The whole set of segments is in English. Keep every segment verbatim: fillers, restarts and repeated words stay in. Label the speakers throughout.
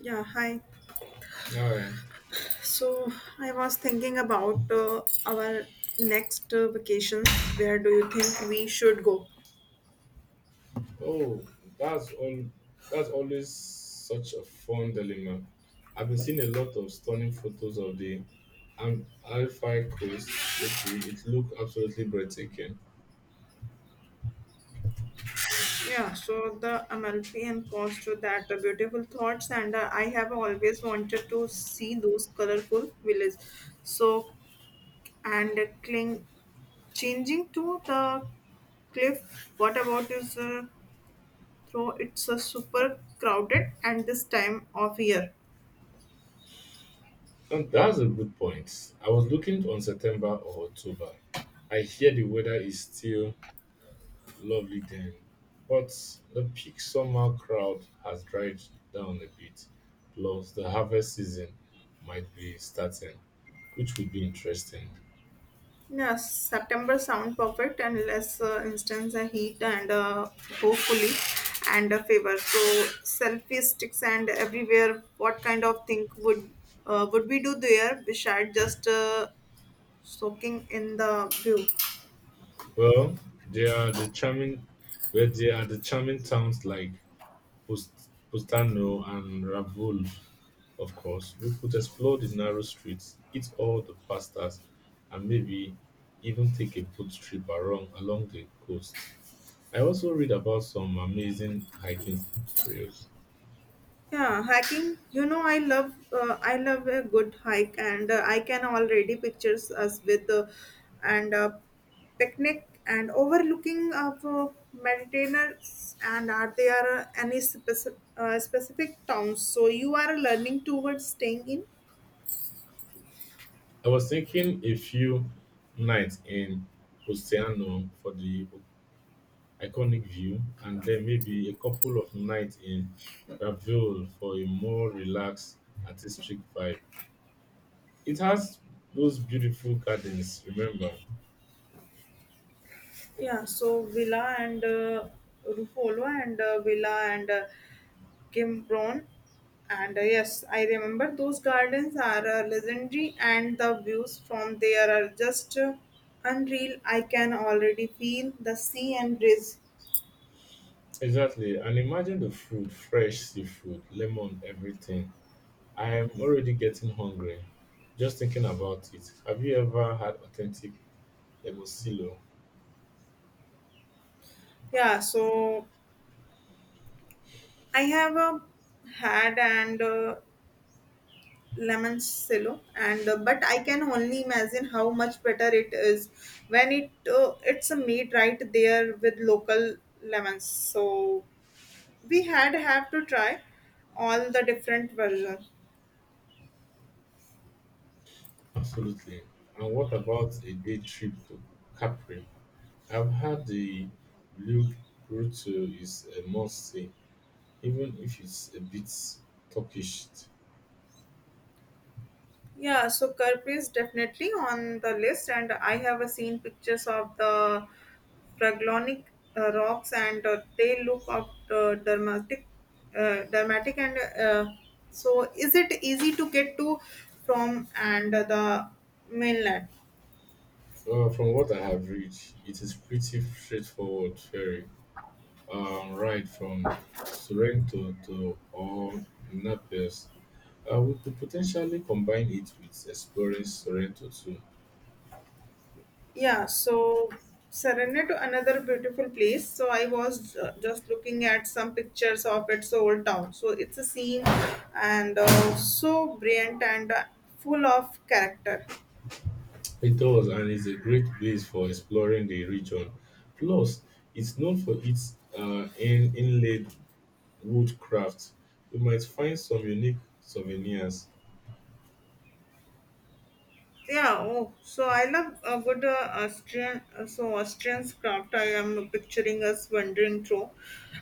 Speaker 1: Yeah, hi.
Speaker 2: All right.
Speaker 1: So I was thinking about uh, our next uh, vacation. Where do you think we should go?
Speaker 2: Oh, that's all. That's always such a fun dilemma. I've been seeing a lot of stunning photos of the Am- Alpine coast lately. It looked absolutely breathtaking.
Speaker 1: Yeah, so the Amalfi and Coast, that uh, beautiful thoughts, and uh, I have always wanted to see those colorful villas. So and uh, cling, changing to the cliff. What about is uh, though it's uh, super crowded and this time of year?
Speaker 2: And that's a good point. I was looking on September or October. I hear the weather is still lovely then, but the peak summer crowd has dried down a bit. Plus, the harvest season might be starting, which would be interesting.
Speaker 1: Yes, September sound perfect unless uh, instance a heat and uh, hopefully and a favor. So selfie sticks and everywhere. What kind of thing would uh, would we do there besides just uh, soaking in the view?
Speaker 2: Well, there are the charming, where there are the charming towns like Pust- Pustano and Ravul, of course. We could explore the narrow streets, eat all the pastas, and maybe even take a boat trip along along the coast. I also read about some amazing hiking trails.
Speaker 1: Yeah, hiking. You know, I love uh, I love a good hike, and uh, I can already pictures us with uh, and uh, picnic and overlooking of uh, Mediterranean. And are there uh, any specific uh, specific towns? So you are learning towards staying in.
Speaker 2: I was thinking a few nights in Pustiano for the iconic view, and then maybe a couple of nights in Raville for a more relaxed, artistic vibe. It has those beautiful gardens, remember?
Speaker 1: Yeah, so Villa and uh, Ruffolo and uh, Villa and uh, Kimbron. And uh, Yes, I remember those gardens are uh, legendary and the views from there are just uh, unreal. I can already feel the sea and breeze.
Speaker 2: Exactly. And imagine the food, fresh seafood, lemon, everything. I am already getting hungry just thinking about it. Have you ever had authentic Lemosilo?
Speaker 1: Yeah, so I have uh, had and uh, limoncello and uh, but I can only imagine how much better it is when it uh, it's made right there with local lemons so we had have to try all the different versions.
Speaker 2: Absolutely. And what about a day trip to Capri? I've had the Blue Grotto is a must see. Even if it's a bit Turkish,
Speaker 1: Yeah, so Karp is definitely on the list, and I have uh, seen pictures of the Fraglonic uh, rocks, and uh, they look up uh, dramatic, uh, dramatic, and uh, so is it easy to get to from and the mainland?
Speaker 2: uh, from what I have read, it is pretty straightforward ferry um, ride from Sorrento to or Naples. Uh, we could potentially combine it with exploring Sorrento too.
Speaker 1: Yeah, so surrender to another beautiful place. So I was uh, just looking at some pictures of its old town. So it's a scene and uh, so brilliant and uh, full of character.
Speaker 2: It does, and it's a great base for exploring the region. Plus, it's known for its uh, in- inlaid wood crafts. You might find some unique souvenirs.
Speaker 1: Yeah, oh, so I love a good uh, Austrian, uh, so Austrian craft. I am picturing us wandering through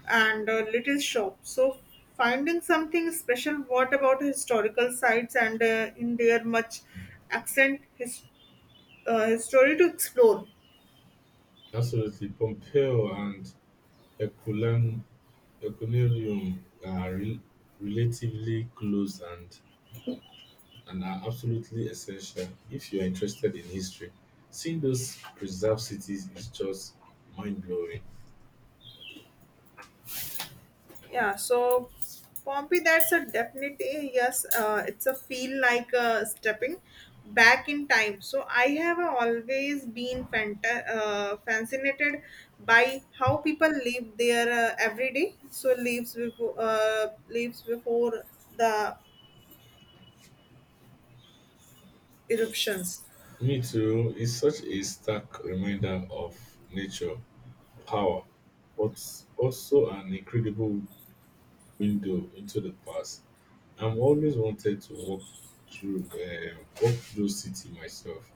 Speaker 1: and a little shop. So finding something special. What about historical sites and uh, in their much accent his uh, story to explore.
Speaker 2: Absolutely, Pompeo and Herculaneum, Herculaneum are rel relatively close and, and are absolutely essential if you are interested in history. Seeing those preserved cities is just mind blowing.
Speaker 1: Yeah, so Pompey, that's a definite eh, yes. Uh, it's a feel like uh, stepping back in time. So I have always been fanta- uh, fascinated by how people live their uh, everyday. So lives before uh, lives before the eruptions.
Speaker 2: Me too, it's such a stark reminder of nature, power, but also an incredible window into the past. I'm always wanted to walk through, uh, Walk through city myself.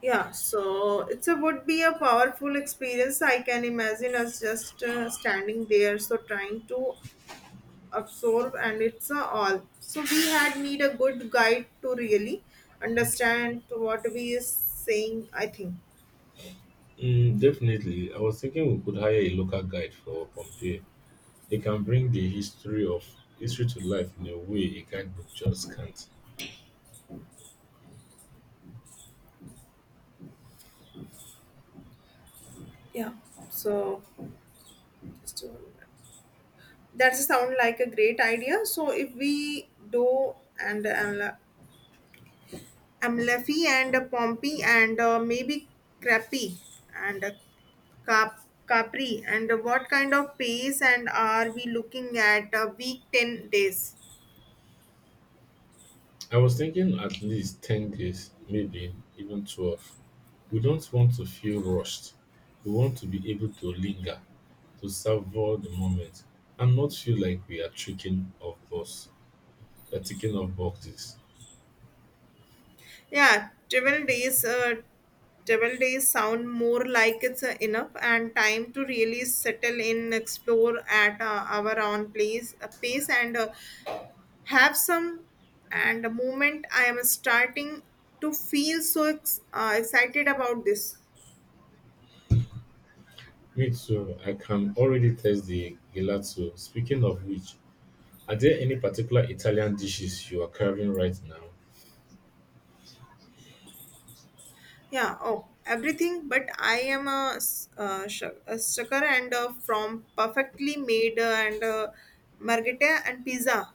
Speaker 1: Yeah, so it's a would be a powerful experience. I can imagine us just uh, standing there, so trying to absorb and it's a all so we had need a good guide to really understand what we is saying I think.
Speaker 2: Mm, definitely. I was thinking we could hire a local guide for Pompeii. They can bring the history of history to life in a way a guidebook just can't.
Speaker 1: Yeah. So just a minute. That sound like a great idea so if we do and uh, amlaphi and uh, pompey and uh, maybe crappy and uh, cap capri and uh, what kind of pace and are we looking at uh, week ten days.
Speaker 2: I was thinking at least ten days, maybe even twelve. We don't want to feel rushed. We want to be able to linger, to savor the moment, and not feel like we are tricking off box, uh, ticking off boxes.
Speaker 1: Yeah, travel days, uh, travel days sound more like it's uh, enough and time to really settle in, explore at uh, our own place, uh, pace, and uh, have some. And the moment I am starting to feel so ex- uh, excited about this,
Speaker 2: Me too. I can already taste the gelato. Speaking of which, are there any particular Italian dishes you are carving right now?
Speaker 1: yeah, oh, everything. But I am a, s- uh, sh- a sucker and uh, from perfectly made uh, and uh, margherita and pizza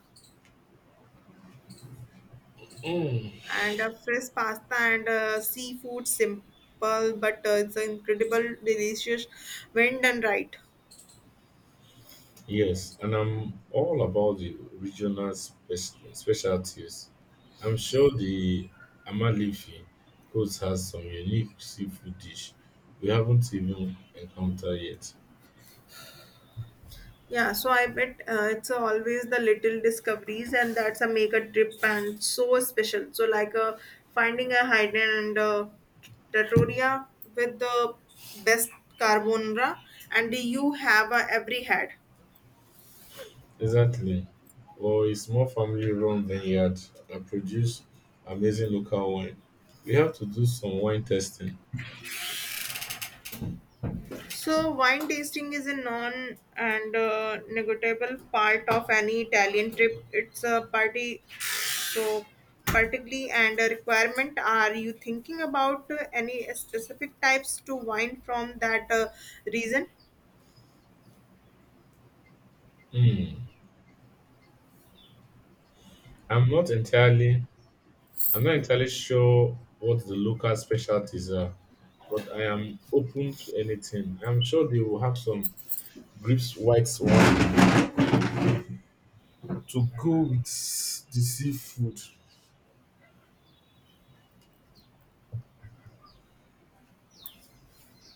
Speaker 2: Mm,
Speaker 1: and uh, fresh pasta and uh, seafood simple but uh, it's incredible delicious when done right.
Speaker 2: yes, and I'm all about the regional spec- specialties. I'm sure the Amalfi Coast has some unique seafood dish we haven't even encountered yet.
Speaker 1: Yeah so I bet uh, it's always the little discoveries and that's a make a trip and so special so like uh, finding a hidden uh, trattoria with the best carbonara and you have uh, every had.
Speaker 2: Exactly. Or a small family-run vineyard that produce amazing local wine. We have to do some wine testing.
Speaker 1: So, wine tasting is a non and uh, negotiable part of any Italian trip. It's a party, so particularly and a requirement. Are you thinking about uh, any specific types to wine from that uh, region?
Speaker 2: Hmm. I'm not entirely I'm not entirely sure what the local specialties are, but I am open to anything. I'm sure they will have some grips white one to go with the seafood.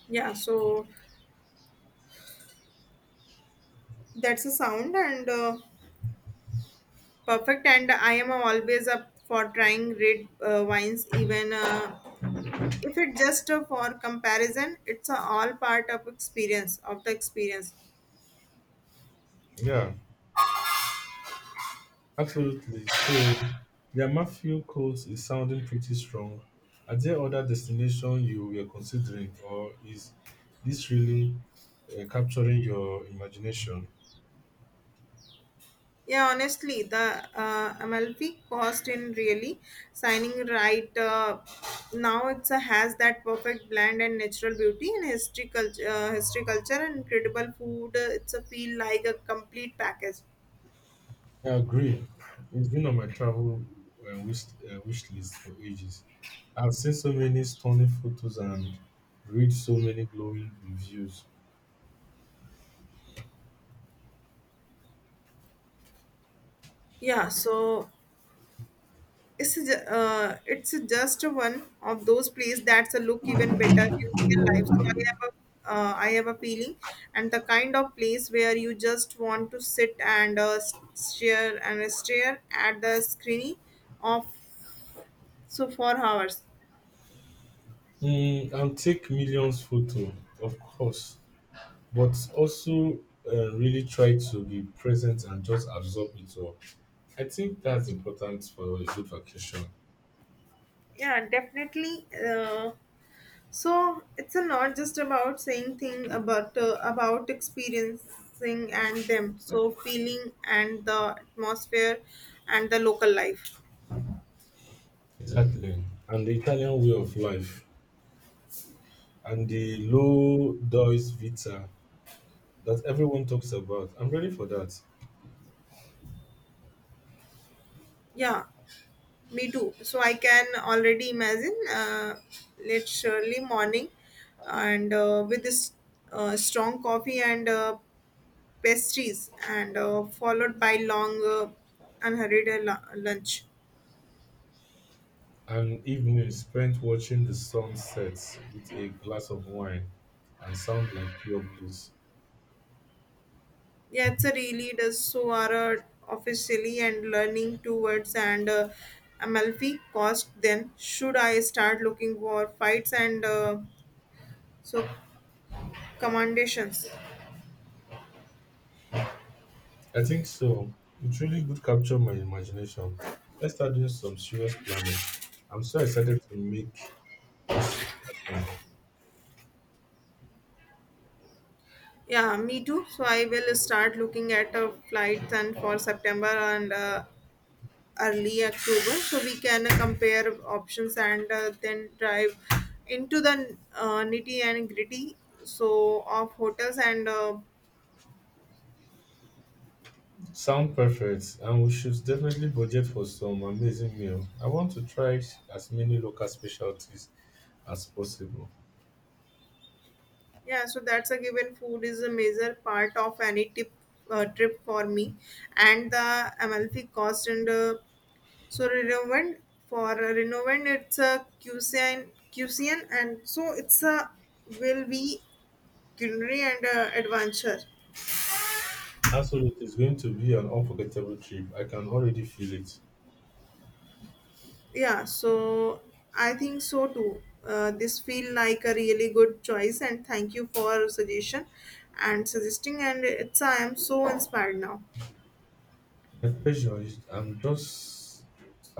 Speaker 1: Yeah, so that's a sound and uh, perfect. And I am always up for trying red uh, wines, even uh, if it just uh, for comparison. It's uh, all part of experience of the experience.
Speaker 2: Yeah, absolutely. So the Amafio coast is sounding pretty strong. Are there other destinations you were considering, or is this really uh, capturing your imagination?
Speaker 1: Yeah, honestly, the uh, Amalfi cost in really signing right uh, now. It's a, has that perfect blend and natural beauty and history culture, uh, history culture and incredible food. Uh, It's a feel like a complete package.
Speaker 2: I agree. It's been on my travel uh, wish, uh, wish list for ages. I've seen so many stunning photos and read so many glowing reviews.
Speaker 1: Yeah, so it's a, ju- uh, it's just one of those places that's a look even better in real life. So I have a uh, I have a feeling, and the kind of place where you just want to sit and uh, stare and stare at the screen of so for hours.
Speaker 2: Mm, and take millions photo, of course, but also uh, really try to be present and just absorb it all. I think that's important for a good vacation.
Speaker 1: Yeah, definitely. Uh, so it's a not just about saying thing about uh, about experiencing and them so feeling and the atmosphere and the local life.
Speaker 2: Exactly. And the Italian way of life and the low dois vita that everyone talks about. I'm ready for that.
Speaker 1: Yeah, me too. So I can already imagine uh, it's early morning and uh, with this uh, strong coffee and uh, pastries and uh, followed by long uh, unhurried uh, lu- lunch.
Speaker 2: An evening spent watching the sun set with a glass of wine and sound like pure bliss.
Speaker 1: Yeah, it's a really does so are uh, officially and learning towards and uh, Amalfi cost then should I start looking for fights and uh, so commendations.
Speaker 2: I think so. It really would capture my imagination. Let's start doing some serious planning. I'm so excited to make this happen.
Speaker 1: Yeah, me too. So I will start looking at uh, flights and for September and uh, early October, so we can uh, compare options and uh, then drive into the uh, nitty and gritty. So of hotels and uh,
Speaker 2: Sound perfect, and we should definitely budget for some amazing meal. I want to try as many local specialties as possible.
Speaker 1: yeah, so that's a given. Food is a major part of any tip uh, trip for me, and the Amalfi cost and uh, so renovant for uh, renovant it's a cuisine cuisine and so it's a will be culinary and uh, adventure.
Speaker 2: Absolutely, it's going to be an unforgettable trip. I can already feel it.
Speaker 1: Yeah so I think so too uh, this feel like a really good choice and thank you for suggestion and suggesting and it's I am so inspired now.
Speaker 2: My pleasure. is- I'm just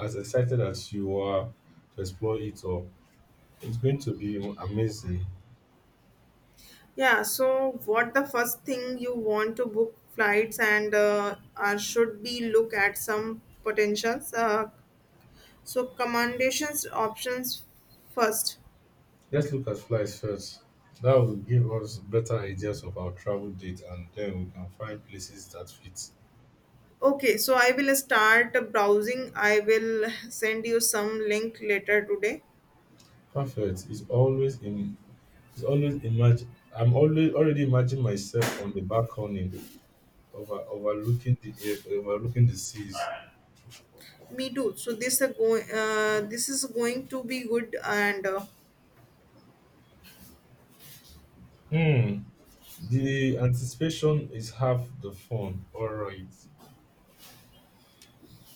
Speaker 2: as excited as you are to explore it all. It's going to be amazing.
Speaker 1: Yeah so what the first thing you want to book flights and uh, or should be look at some potentials uh, so commendations options first.
Speaker 2: Let's look at flights first. That will give us better ideas of our travel date, and then we can find places that fit.
Speaker 1: Okay so I will start browsing I will send you some link later today.
Speaker 2: Perfect. It's always in. It's always imagine. I'm always Already imagining myself on the balcony, over overlooking the air, overlooking the seas.
Speaker 1: Me too. So this a go. Uh, this is going to be good, and uh,
Speaker 2: Hmm. The anticipation is half the fun. All right.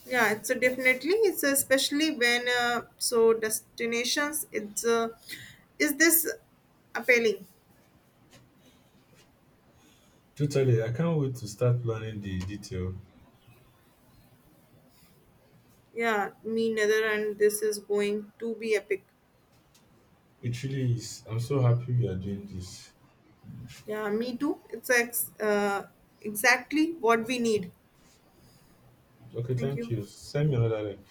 Speaker 1: yeah, it's a definitely. It's a especially when uh, so destinations. It's uh, is this appealing?
Speaker 2: Totally, I can't wait to start planning the detail.
Speaker 1: Yeah, me neither, and this is going to be epic.
Speaker 2: It really is. I'm so happy we are doing this.
Speaker 1: Yeah, me too. It's ex- uh, exactly what we need.
Speaker 2: Okay,
Speaker 1: Thank
Speaker 2: thank
Speaker 1: you.
Speaker 2: you. Send me another link.